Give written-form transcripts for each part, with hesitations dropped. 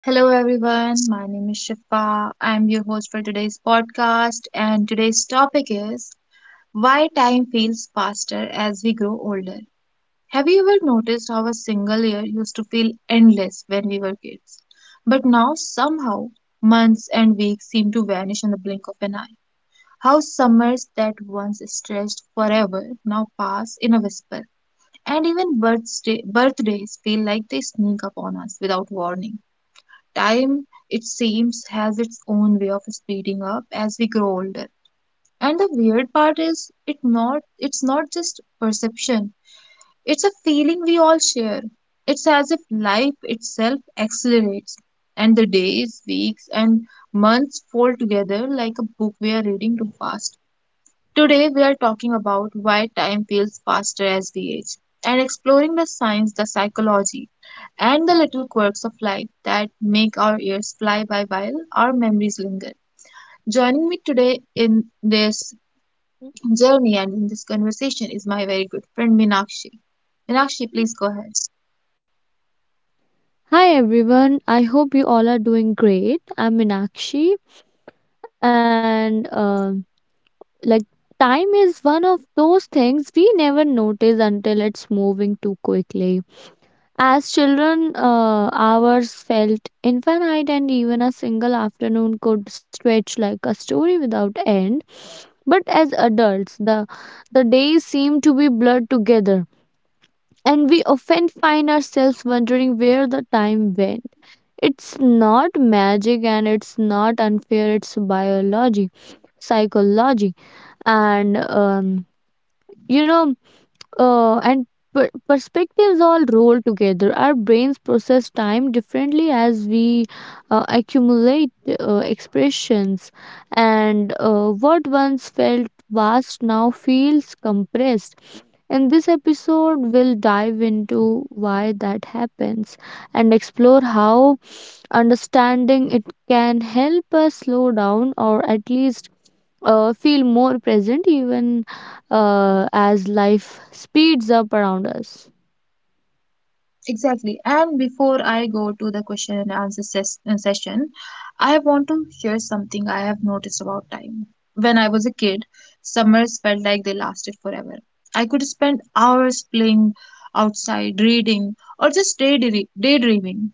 Hello everyone, my name is Shifa. I'm your host for today's podcast, and today's topic is why time feels faster as we grow older. Have you ever noticed how a single year used to feel endless when we were kids? But now, somehow, months and weeks seem to vanish in the blink of an eye. How summers that once stretched forever now pass in a whisper, and even birthdays feel like they sneak up on us without warning. Time, it seems, has its own way of speeding up as we grow older. And the weird part is, it's not just perception. It's a feeling we all share. It's as if life itself accelerates, and the days, weeks, and months fold together like a book we are reading too fast. Today, we are talking about why time feels faster as we age and exploring the science, the psychology, and the little quirks of life that make our years fly by while our memories linger. Joining me today in this journey and in this conversation is my very good friend Minakshi. Minakshi, please go ahead. Hi everyone, I hope you all are doing great. I'm Minakshi, and like time is one of those things we never notice until it's moving too quickly. As children, hours felt infinite, and even a single afternoon could stretch like a story without end. But as adults, the days seem to be blurred together, and we often find ourselves wondering where the time went. It's not magic and it's not unfair, it's biology, psychology, and um, you know, and perspectives all roll together. Our brains process time differently as we accumulate expressions, and what once felt vast now feels compressed. In this episode, we'll dive into why that happens and explore how understanding it can help us slow down or at least feel more present even as life speeds up around us. Exactly. And before I go to the question and answer session, I want to share something I have noticed about time. When I was a kid, summers felt like they lasted forever. I could spend hours playing outside, reading, or just daydreaming.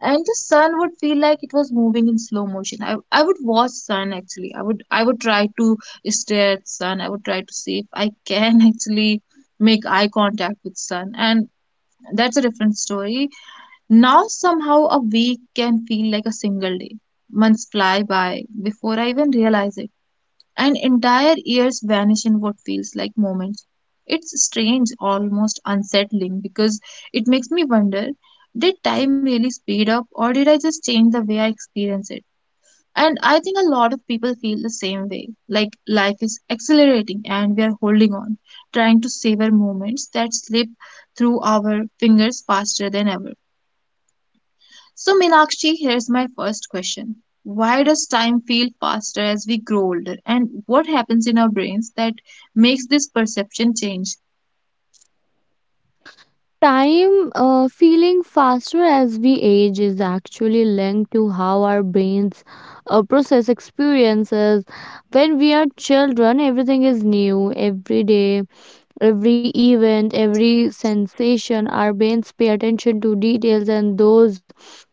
And the sun would feel like it was moving in slow motion. I would watch sun actually. I would try to stare at sun. I would try to see if I can actually make eye contact with sun, and that's a different story. Now, somehow a week can feel like a single day. Months fly by before I even realize it, and entire years vanish in what feels like moments. It's strange, almost unsettling, because it makes me wonder: did time really speed up, or did I just change the way I experience it? And I think a lot of people feel the same way, like life is accelerating and we are holding on, trying to savor moments that slip through our fingers faster than ever. So, Meenakshi, here's my first question. Why does time feel faster as we grow older? And what happens in our brains that makes this perception change? Time feeling faster as we age is actually linked to how our brains process experiences. When we are children, everything is new every day, every event, every sensation. Our brains pay attention to details, and those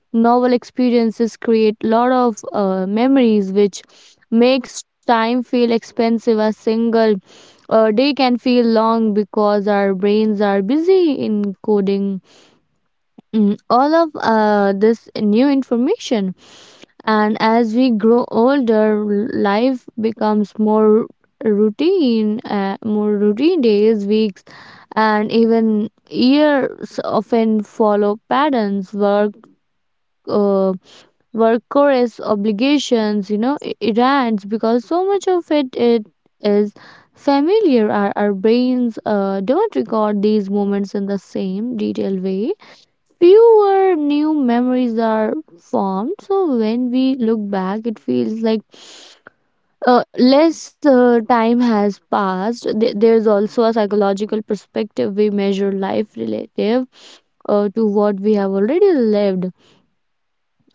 novel experiences create a lot of memories, which makes time feel expensive. A single day can feel long because our brains are busy encoding all of this new information. And as we grow older, life becomes more routine days, weeks, and even years often follow patterns: work, uh, work chorus, obligations, you know, events, because so much of it, it is familiar. Our brains don't record these moments in the same detailed way. Fewer new memories are formed, so when we look back it feels like less time has passed. There's also a psychological perspective. We measure life relative to what we have already lived.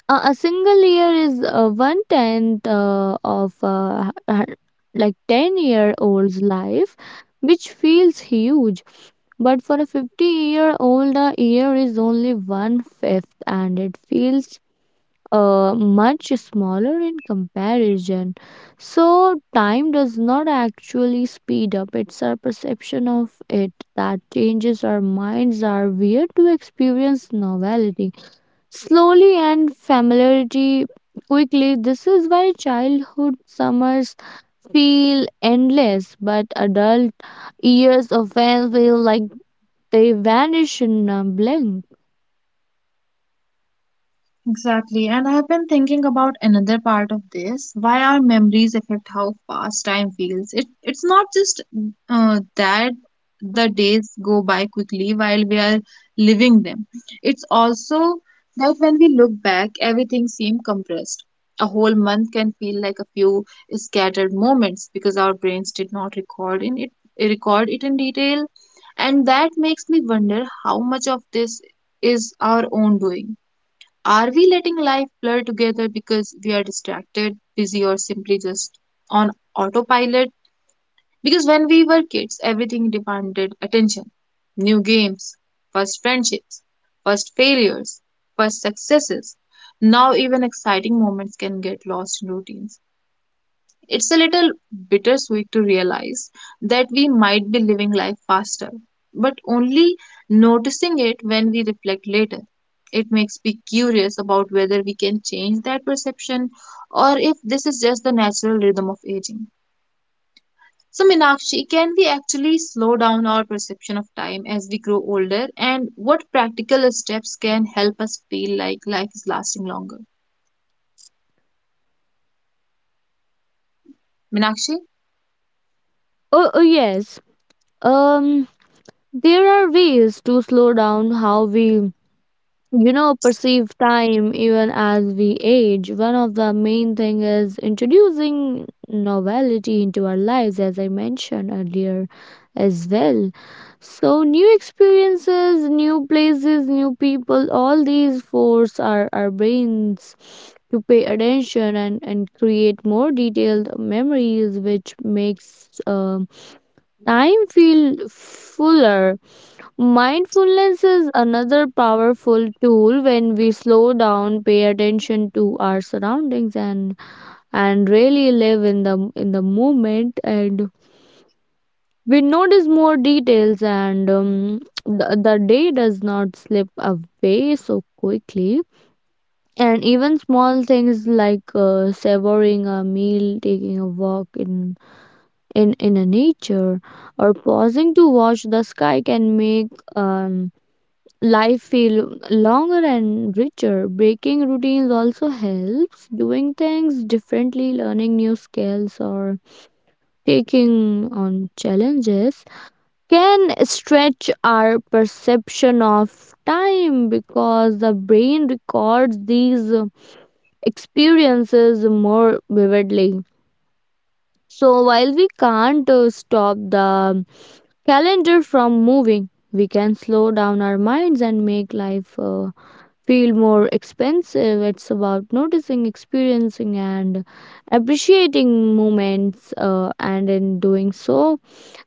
A single year is one tenth of h- like 10-year old's life, which feels huge. But for a 50-year-old, a year is only one fifth, and it feels much smaller in comparison. So, time does not actually speed up, it's our perception of it that changes. Our minds are weird to experience novelty slowly and familiarity quickly. This is why childhood summers feel endless, but adult years often feel like they vanish in a blink. Exactly, and I've been thinking about another part of this. Why our memories affect how fast time feels. It's not just that the days go by quickly while we are living them. It's also that when we look back, everything seems compressed. A whole month can feel like a few scattered moments because our brains did not record it in detail, and that makes me wonder how much of this is our own doing. Are we letting life blur together because we are distracted, busy, or simply just on autopilot? Because when we were kids, everything demanded attention: new games, first friendships, first failures, first successes. Now, even exciting moments can get lost in routines. It's a little bittersweet to realize that we might be living life faster, but only noticing it when we reflect later. It makes me curious about whether we can change that perception, or if this is just the natural rhythm of aging. So, Minakshi, can we actually slow down our perception of time as we grow older? And what practical steps can help us feel like life is lasting longer? Minakshi? Oh, oh yes. Um, there are ways to slow down how we, you know, perceive time even as we age. One of the main thing is introducing novelty into our lives, as I mentioned earlier as well. So new experiences, new places, new people, all these force our brains to pay attention and create more detailed memories, which makes time feel fuller. Mindfulness is another powerful tool. When we slow down, pay attention to our surroundings and really live in the moment, and we notice more details, and the day does not slip away so quickly. And even small things like savoring a meal, taking a walk in a nature, or pausing to watch the sky can make um, life feel longer and richer. Breaking routines also helps, doing things differently, learning new skills or taking on challenges can stretch our perception of time because the brain records these experiences more vividly. So while we can't stop the calendar from moving, we can slow down our minds and make life feel more expensive. It's about noticing, experiencing, and appreciating moments, and in doing so,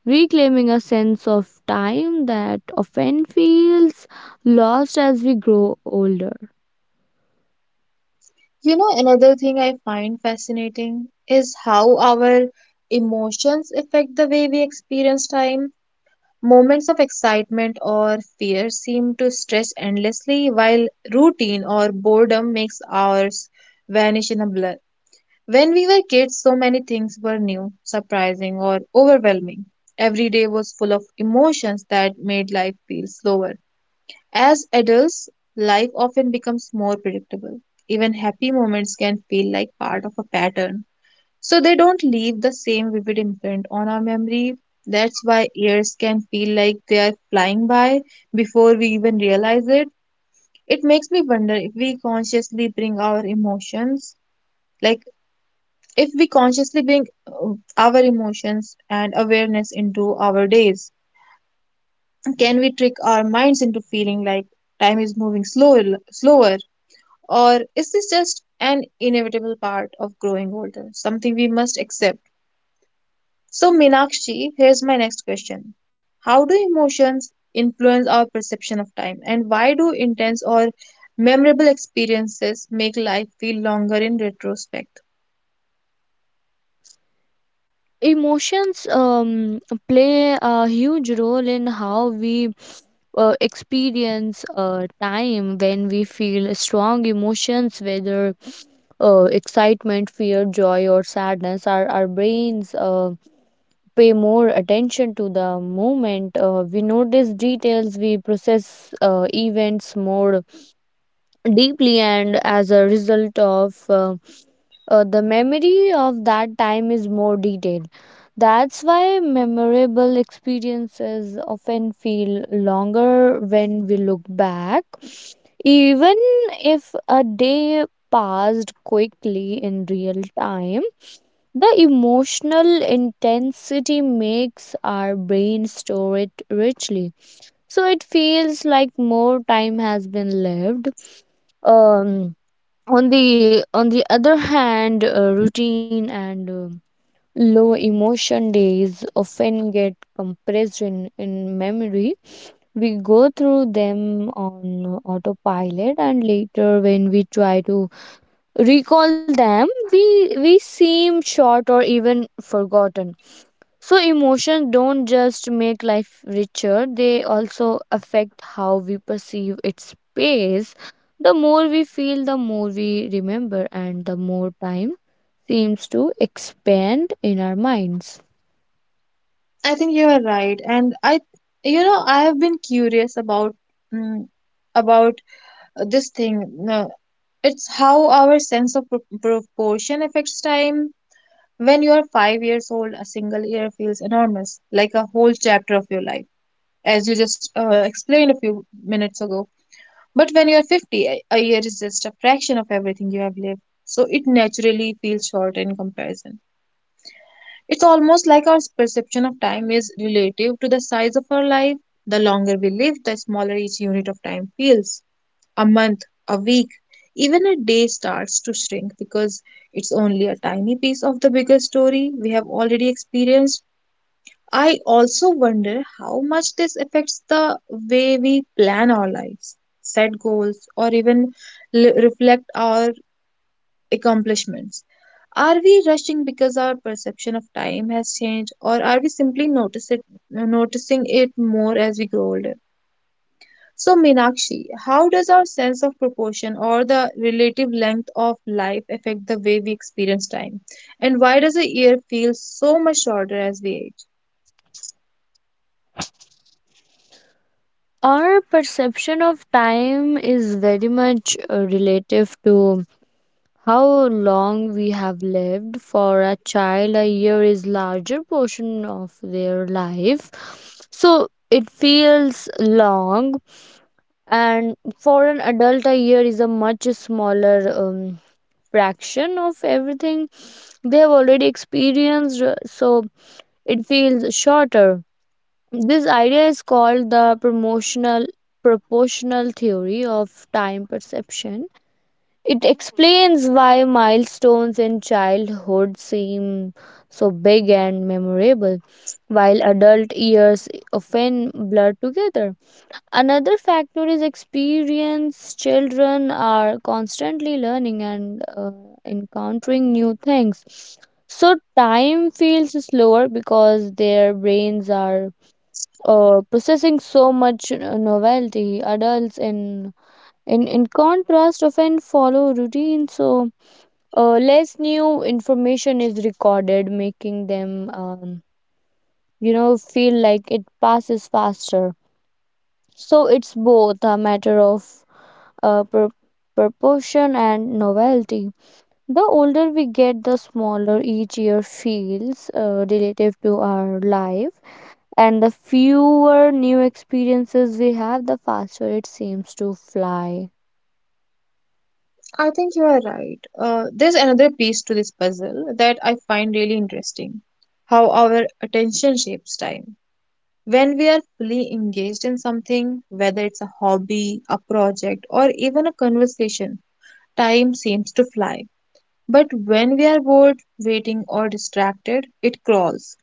reclaiming a sense of time that often feels lost as we grow older. Another thing I find fascinating is how our emotions affect the way we experience time. Moments of excitement or fear seem to stretch endlessly, while routine or boredom makes hours vanish in a blur. When we were kids, so many things were new, surprising, or overwhelming. Every day was full of emotions that made life feel slower. As adults, life often becomes more predictable. Even happy moments can feel like part of a pattern, so they don't leave the same vivid imprint on our memory. That's why years can feel like they are flying by before we even realize it. It makes me wonder if we consciously bring our emotions, like if we consciously bring our emotions and awareness into our days. Can we trick our minds into feeling like time is moving slower? Or is this just an inevitable part of growing older, something we must accept? So, Meenakshi, here's my next question. How do emotions influence our perception of time, and why do intense or memorable experiences make life feel longer in retrospect? Emotions play a huge role in how we experience time. When we feel strong emotions, whether excitement, fear, joy, or sadness, our brains pay more attention to the moment. We notice details, we process events more deeply, and as a result of the memory of that time is more detailed. That's why memorable experiences often feel longer when we look back. Even if a day passed quickly in real time, the emotional intensity makes our brain store it richly, so it feels like more time has been lived. Um, on the other hand, routine and low emotion days often get compressed in memory. We go through them on autopilot, and later when we try to recall them we seem short or even forgotten. So emotions don't just make life richer, they also affect how we perceive its pace. The more we feel, the more we remember, and the more time seems to expand in our minds. I think you are right, and I have been curious about mm, about this thing. It's how our sense of proportion affects time. When you are 5 years old, a single year feels enormous, like a whole chapter of your life, as you just explained a few minutes ago. But when you are 50, a year is just a fraction of everything you have lived, so it naturally feels short in comparison. It's almost like our perception of time is relative to the size of our life. The longer we live, the smaller each unit of time feels: a month, a week, even a day starts to shrink because it's only a tiny piece of the bigger story we have already experienced. I also wonder how much this affects the way we plan our lives, set goals, or even reflect our accomplishments. Are we rushing because our perception of time has changed, or are we simply noticing it more as we grow older? So, Meenakshi, how does our sense of proportion, or the relative length of life, affect the way we experience time? And why does a year feel so much shorter as we age? Our perception of time is very much relative to how long we have lived. For a child, a year is larger portion of their life, so it feels long. And for an adult a year is a much smaller fraction of everything they have already experienced, so it feels shorter. This idea is called the promotional proportional theory of time perception. It explains why milestones in childhood seem so big and memorable, while adult years often blur together. Another factor is experience. Children are constantly learning and encountering new things. So, time feels slower because their brains are processing so much novelty. Adults in contrast often follow routine, so less new information is recorded, making them, you know, feel like it passes faster. So it's both a matter of uh, pur- proportion and novelty. The older we get, the smaller each year feels relative to our life, and the fewer new experiences we have, the faster it seems to fly. I think you are right. There's another piece to this puzzle that I find really interesting: how our attention shapes time. When we are fully engaged in something, whether it's a hobby, a project, or even a conversation, time seems to fly. But when we are bored, waiting, or distracted, it crawls.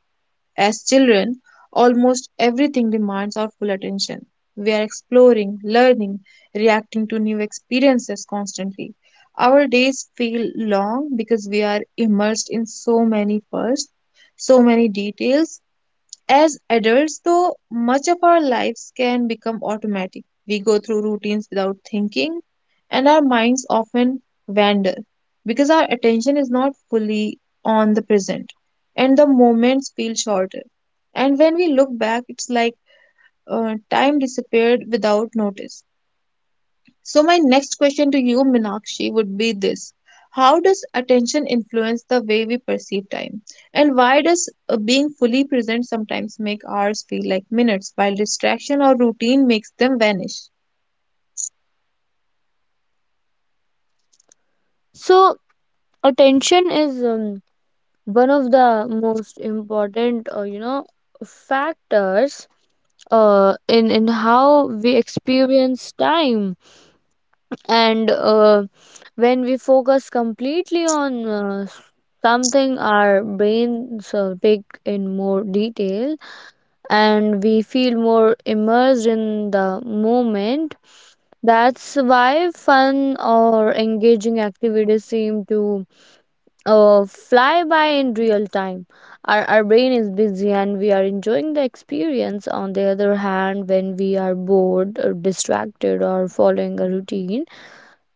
As children, almost everything demands our full attention. We are exploring, learning, reacting to new experiences constantly. Our days feel long because we are immersed in so many firsts, so many details. As adults, though, much of our lives can become automatic. We go through routines without thinking, and our minds often wander because our attention is not fully on the present, and the moments feel shorter. And when we look back, it's like time disappeared without notice. So, my next question to you, Minakshi, would be this: how does attention influence the way we perceive time? And why does being fully present sometimes make hours feel like minutes, while distraction or routine makes them vanish? So attention is one of the most important, you know, factors in how we experience time. And when we focus completely on something, our brains pick in more detail and we feel more immersed in the moment. That's why fun or engaging activities seem to fly by in real time. Our brain is busy and we are enjoying the experience. On the other hand, when we are bored or distracted or following a routine,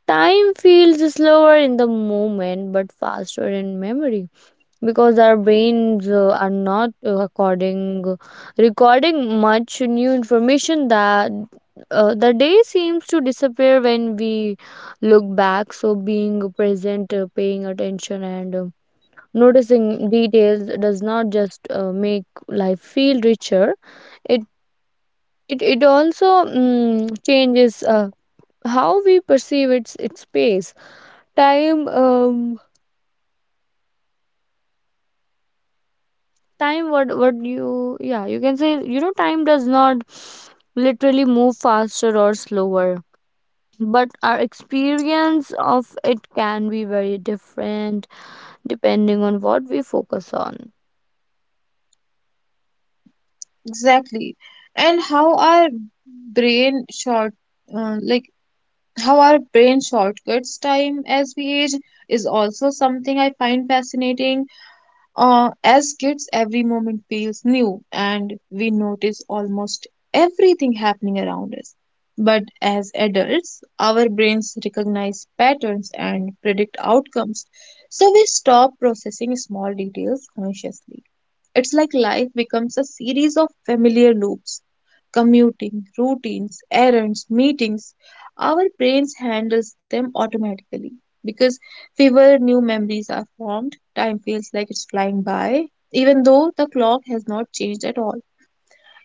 time feels slower in the moment but faster in memory, because our brains are not recording much new information that. The day seems to disappear when we look back. So being present, paying attention and, noticing details, does not just make life feel richer, it, it also changes how we perceive its space. Time, time, what you, yeah, you can say, you know, time does not literally move faster or slower. But our experience of it can be very different depending on what we focus on. Exactly. And brain short, uh, like, how our brain shortcuts time as we age is also something I find fascinating. As kids, every moment feels new and we notice almost everything happening around us. But as adults, our brains recognize patterns and predict outcomes, so we stop processing small details consciously. It's like life becomes a series of familiar loops: commuting, routines, errands, meetings. Our brains handles them automatically because fewer new memories are formed. Time feels like it's flying by, even though the clock has not changed at all.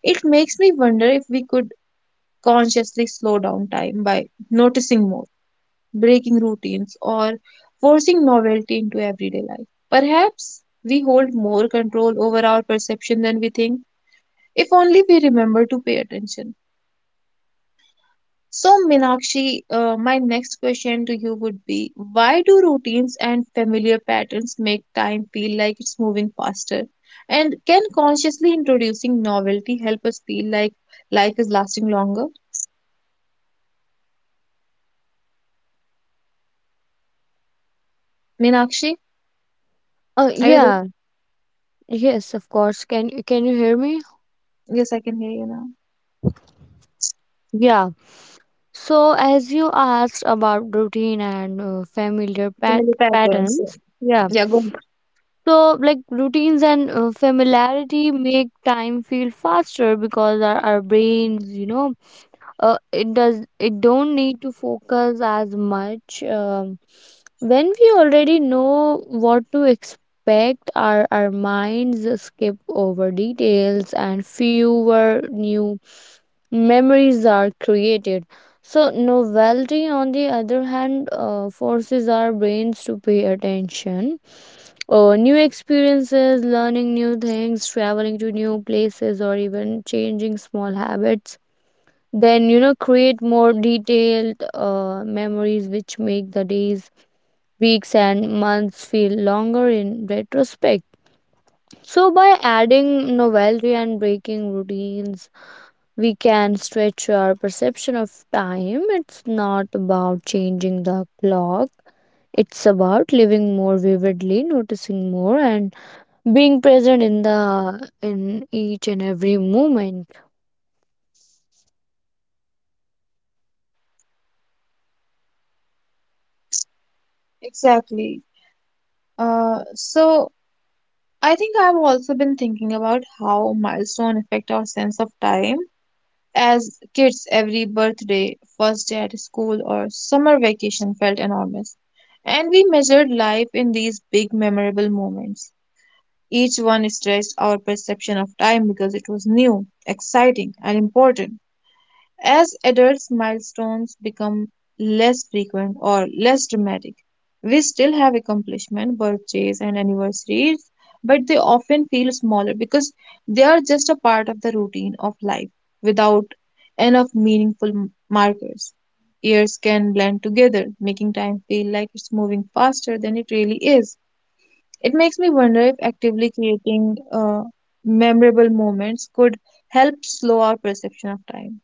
It makes me wonder if we could consciously slow down time by noticing more, breaking routines, or forcing novelty into everyday life. Perhaps we hold more control over our perception than we think, if only we remember to pay attention. So, Minakshi, my next question to you would be: why do routines and familiar patterns make time feel like it's moving faster? And can consciously introducing novelty help us feel like life is lasting longer? Minakshi, are you there? Yeah, yes, of course. Can you hear me? Yes, I can hear you now. Yeah. So, as you asked about routine and Familiar patterns. Yeah, patterns, yeah. yeah, go. So, like routines and familiarity make time feel faster because our brains, you know, it don't need to focus as much. When we already know what to expect, our minds skip over details and fewer new memories are created. So novelty on the other hand forces our brains to pay attention. New experiences, learning new things, traveling to new places, or even changing small habits then, you know, create more detailed memories, which make the days, weeks and months feel longer in retrospect. So by adding novelty and breaking routines, we can stretch our perception of time. It's not about changing the clock, it's about living more vividly, noticing more, and being present in the in each and every moment. Exactly. So I think I've also been thinking about how milestone affect our sense of time. As kids, every birthday, first day at school, or summer vacation felt enormous. And we measured life in these big memorable moments. Each one stressed our perception of time because it was new, exciting, and important. As adults, milestones become less frequent or less dramatic. We still have accomplishments, birthdays, and anniversaries, but they often feel smaller because they are just a part of the routine of life without enough meaningful markers. Years can blend together, making time feel like it's moving faster than it really is. It makes me wonder if actively creating memorable moments could help slow our perception of time.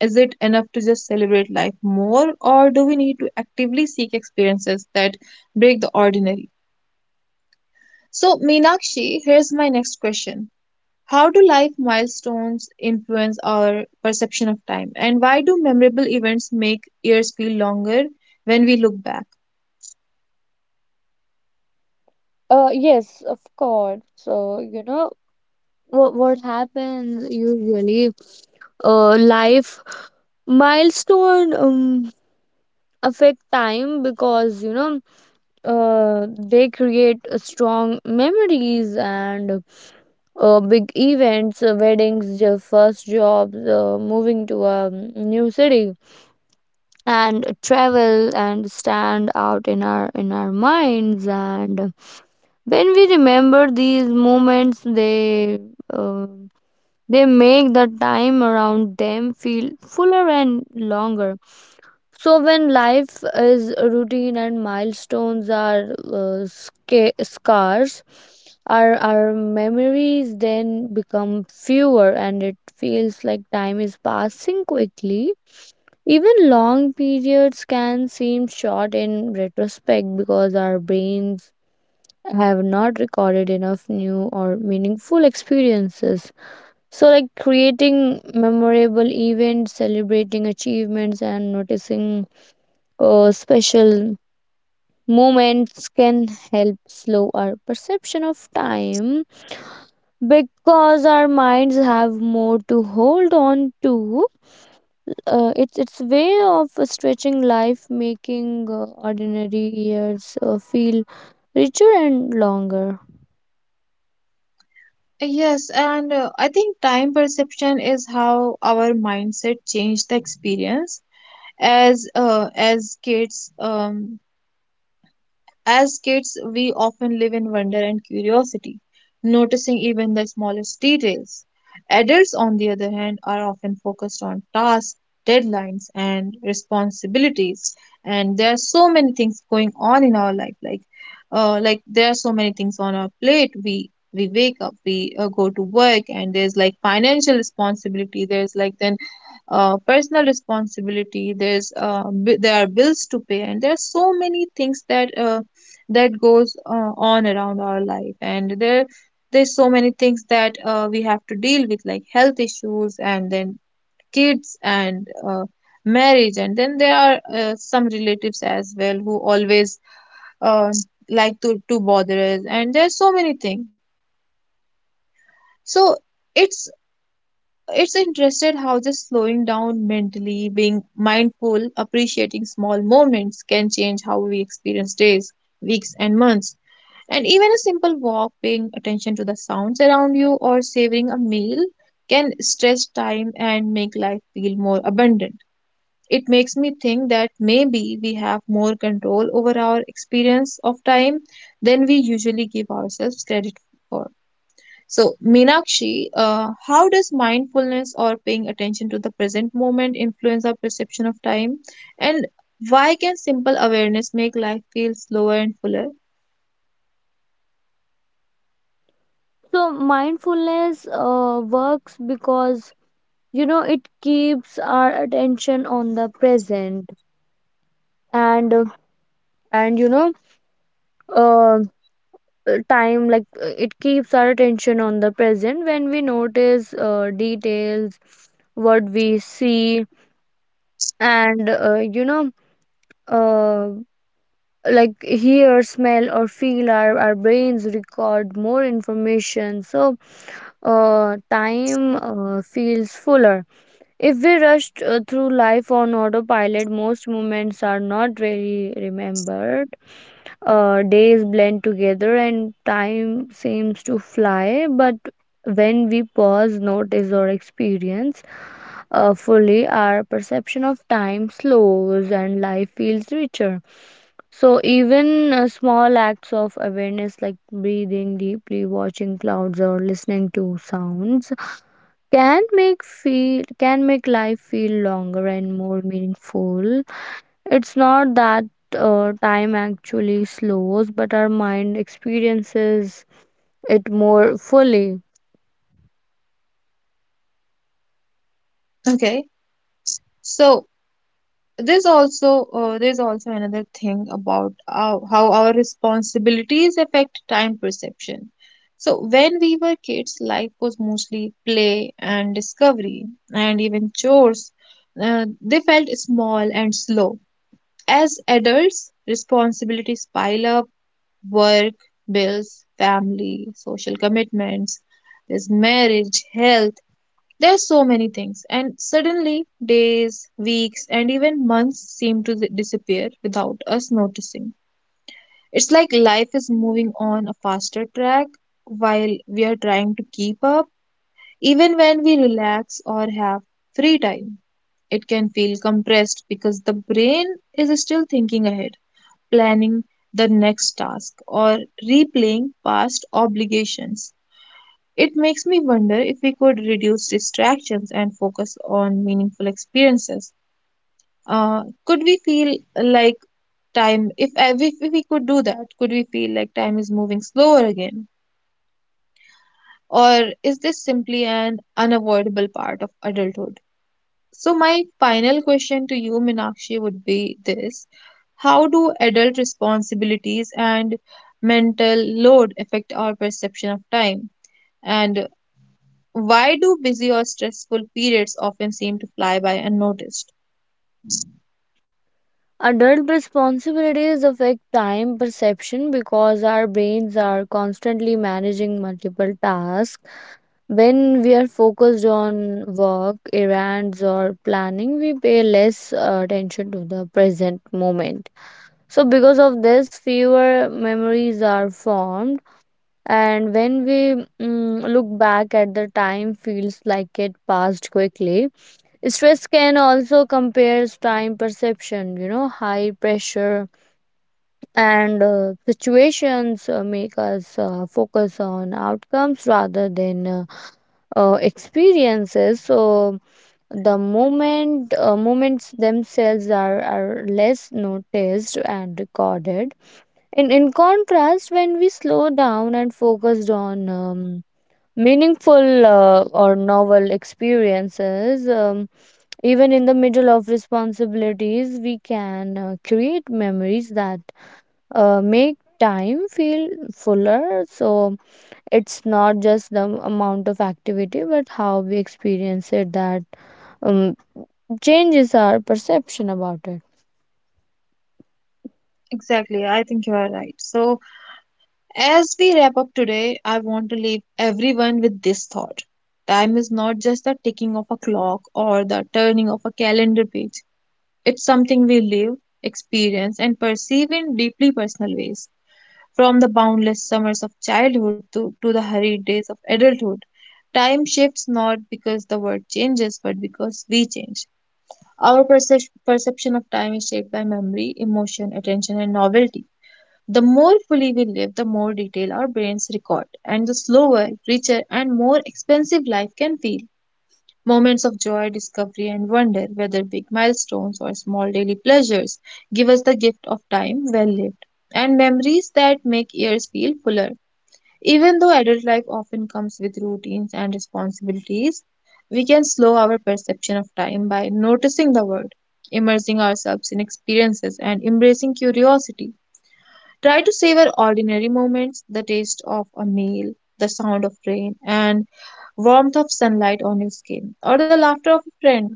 Is it enough to just celebrate life more, or do we need to actively seek experiences that break the ordinary? So, Meenakshi, here's my next question. How do life milestones influence our perception of time? And why do memorable events make years feel longer when we look back? Yes, of course. So, you know, what happens usually, life milestone affect time because, you know, they create strong memories. And big events, weddings, your first jobs, moving to a new city, and travel, and stand out in our minds. And when we remember these moments, um they make the time around them feel fuller and longer. So, when life is routine and milestones are scarce, our memories then become fewer and it feels like time is passing quickly. Even long periods can seem short in retrospect because our brains have not recorded enough new or meaningful experiences. So, like creating memorable events, celebrating achievements, and noticing special moments can help slow our perception of time because our minds have more to hold on to. It's its way of stretching life, making ordinary years feel richer and longer. Yes, and I think time perception is how our mindset changed the experience. As uh, as kids, um, As kids, we often live in wonder and curiosity, noticing even the smallest details. Adults, on the other hand, are often focused on tasks, deadlines, and responsibilities. And there are so many things going on in our life, like there are so many things on our plate. We wake up, we go to work, and there's like financial responsibility. There's like then personal responsibility. There's there are bills to pay, and there are so many things that that goes on around our life and there's so many things that we have to deal with, like health issues, and then kids, and marriage, and then there are some relatives as well who always uh, like to bother us, and there's so many things, so it's it's interested how just slowing down, mentally being mindful, appreciating small moments can change how we experience days, weeks, and months. And even a simple walk, paying attention to the sounds around you, or savoring a meal can stretch time and make life feel more abundant. It makes me think that maybe we have more control over our experience of time than we usually give ourselves credit for. So, Meenakshi, how does mindfulness or paying attention to the present moment influence our perception of time? And why can simple awareness make life feel slower and fuller? So mindfulness works because, you know, it keeps our attention on the present. And and you know uh, time like it keeps our attention on the present. When we notice details, what we see and, you know, uh, like hear, smell, or feel, our brains record more information, so time feels fuller. If we rushed through life on autopilot, most moments are not really remembered. Days blend together and time seems to fly, but when we pause, notice, or experience fully, our perception of time slows and life feels richer. So, even small acts of awareness like breathing deeply, watching clouds, or listening to sounds can make feel can make life feel longer and more meaningful. It's not that time actually slows, but our mind experiences it more fully. Okay. So, there's also another thing about how our responsibilities affect time perception. So when we were kids, life was mostly play and discovery, and even chores. They felt small and slow. As adults, responsibilities pile up: work, bills, family, social commitments. There's marriage, health, there's so many things, and suddenly days, weeks, and even months seem to disappear without us noticing. It's like life is moving on a faster track while we are trying to keep up. Even when we relax or have free time, it can feel compressed because the brain is still thinking ahead, planning the next task, or replaying past obligations. It makes me wonder if we could reduce distractions and focus on meaningful experiences. Could we feel like time, if we could do that, could we feel like time is moving slower again? Or is this simply an unavoidable part of adulthood? So, my final question to you, Minakshi, would be this: how do adult responsibilities and mental load affect our perception of time? And why do busy or stressful periods often seem to fly by unnoticed? Adult responsibilities affect time perception because our brains are constantly managing multiple tasks. When we are focused on work, errands, or planning, we pay less attention to the present moment. So, because of this, fewer memories are formed, and when we look back at the time, feels like it passed quickly. Stress can also compares time perception, you know, high pressure and situations make us focus on outcomes rather than experiences. So the moments themselves are less noticed and recorded. In contrast, when we slow down and focused on meaningful or novel experiences, even in the middle of responsibilities, we can create memories that make time feel fuller. So it's not just the amount of activity, but how we experience it that um, changes our perception about it. Exactly, I think you are right. So, as we wrap up today, I want to leave everyone with this thought. Time is not just the ticking of a clock or the turning of a calendar page, it's something we live, experience, and perceive in deeply personal ways. From the boundless summers of childhood to the hurried days of adulthood, time shifts not because the world changes, but because we change. Our perception of time is shaped by memory, emotion, attention, and novelty. The more fully we live, more detail our brains record, and the slower, richer, and more expensive life can feel. Moments of joy, discovery, and wonder, whether big milestones or small daily pleasures, give us the gift of time well lived, and memories that make years feel fuller. Even though adult life often comes with routines and responsibilities, we can slow our perception of time by noticing the world, immersing ourselves in experiences, and embracing curiosity. Try to savor ordinary moments: the taste of a meal, the sound of rain, and warmth of sunlight on your skin, or the laughter of a friend.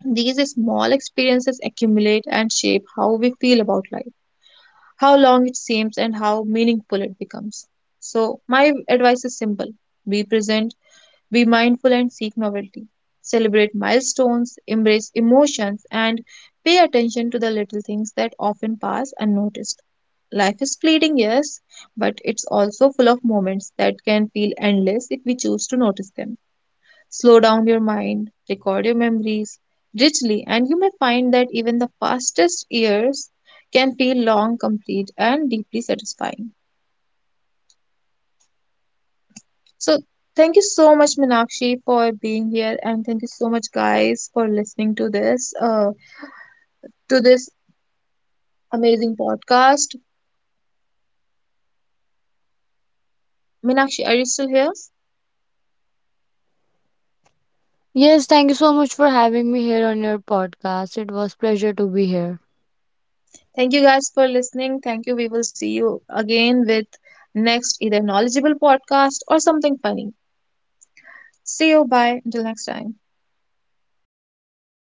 These small experiences accumulate and shape how we feel about life, how long it seems and how meaningful it becomes. So, my advice is simple: be present, be mindful, and seek novelty. Celebrate milestones, embrace emotions, and pay attention to the little things that often pass unnoticed. Life is fleeting, yes, but it's also full of moments that can feel endless if we choose to notice them. Slow down your mind, record your memories richly, and you may find that even the fastest years can feel long, complete, and deeply satisfying. So, thank you so much, Minakshi, for being here, and thank you so much, guys, for listening to this amazing podcast. Minakshi, are you still here? Yes, thank you so much for having me here on your podcast. It was pleasure to be here. Thank you guys for listening. Thank you. We will see you again with next either knowledgeable podcast or something funny. See you. Bye. Until next time.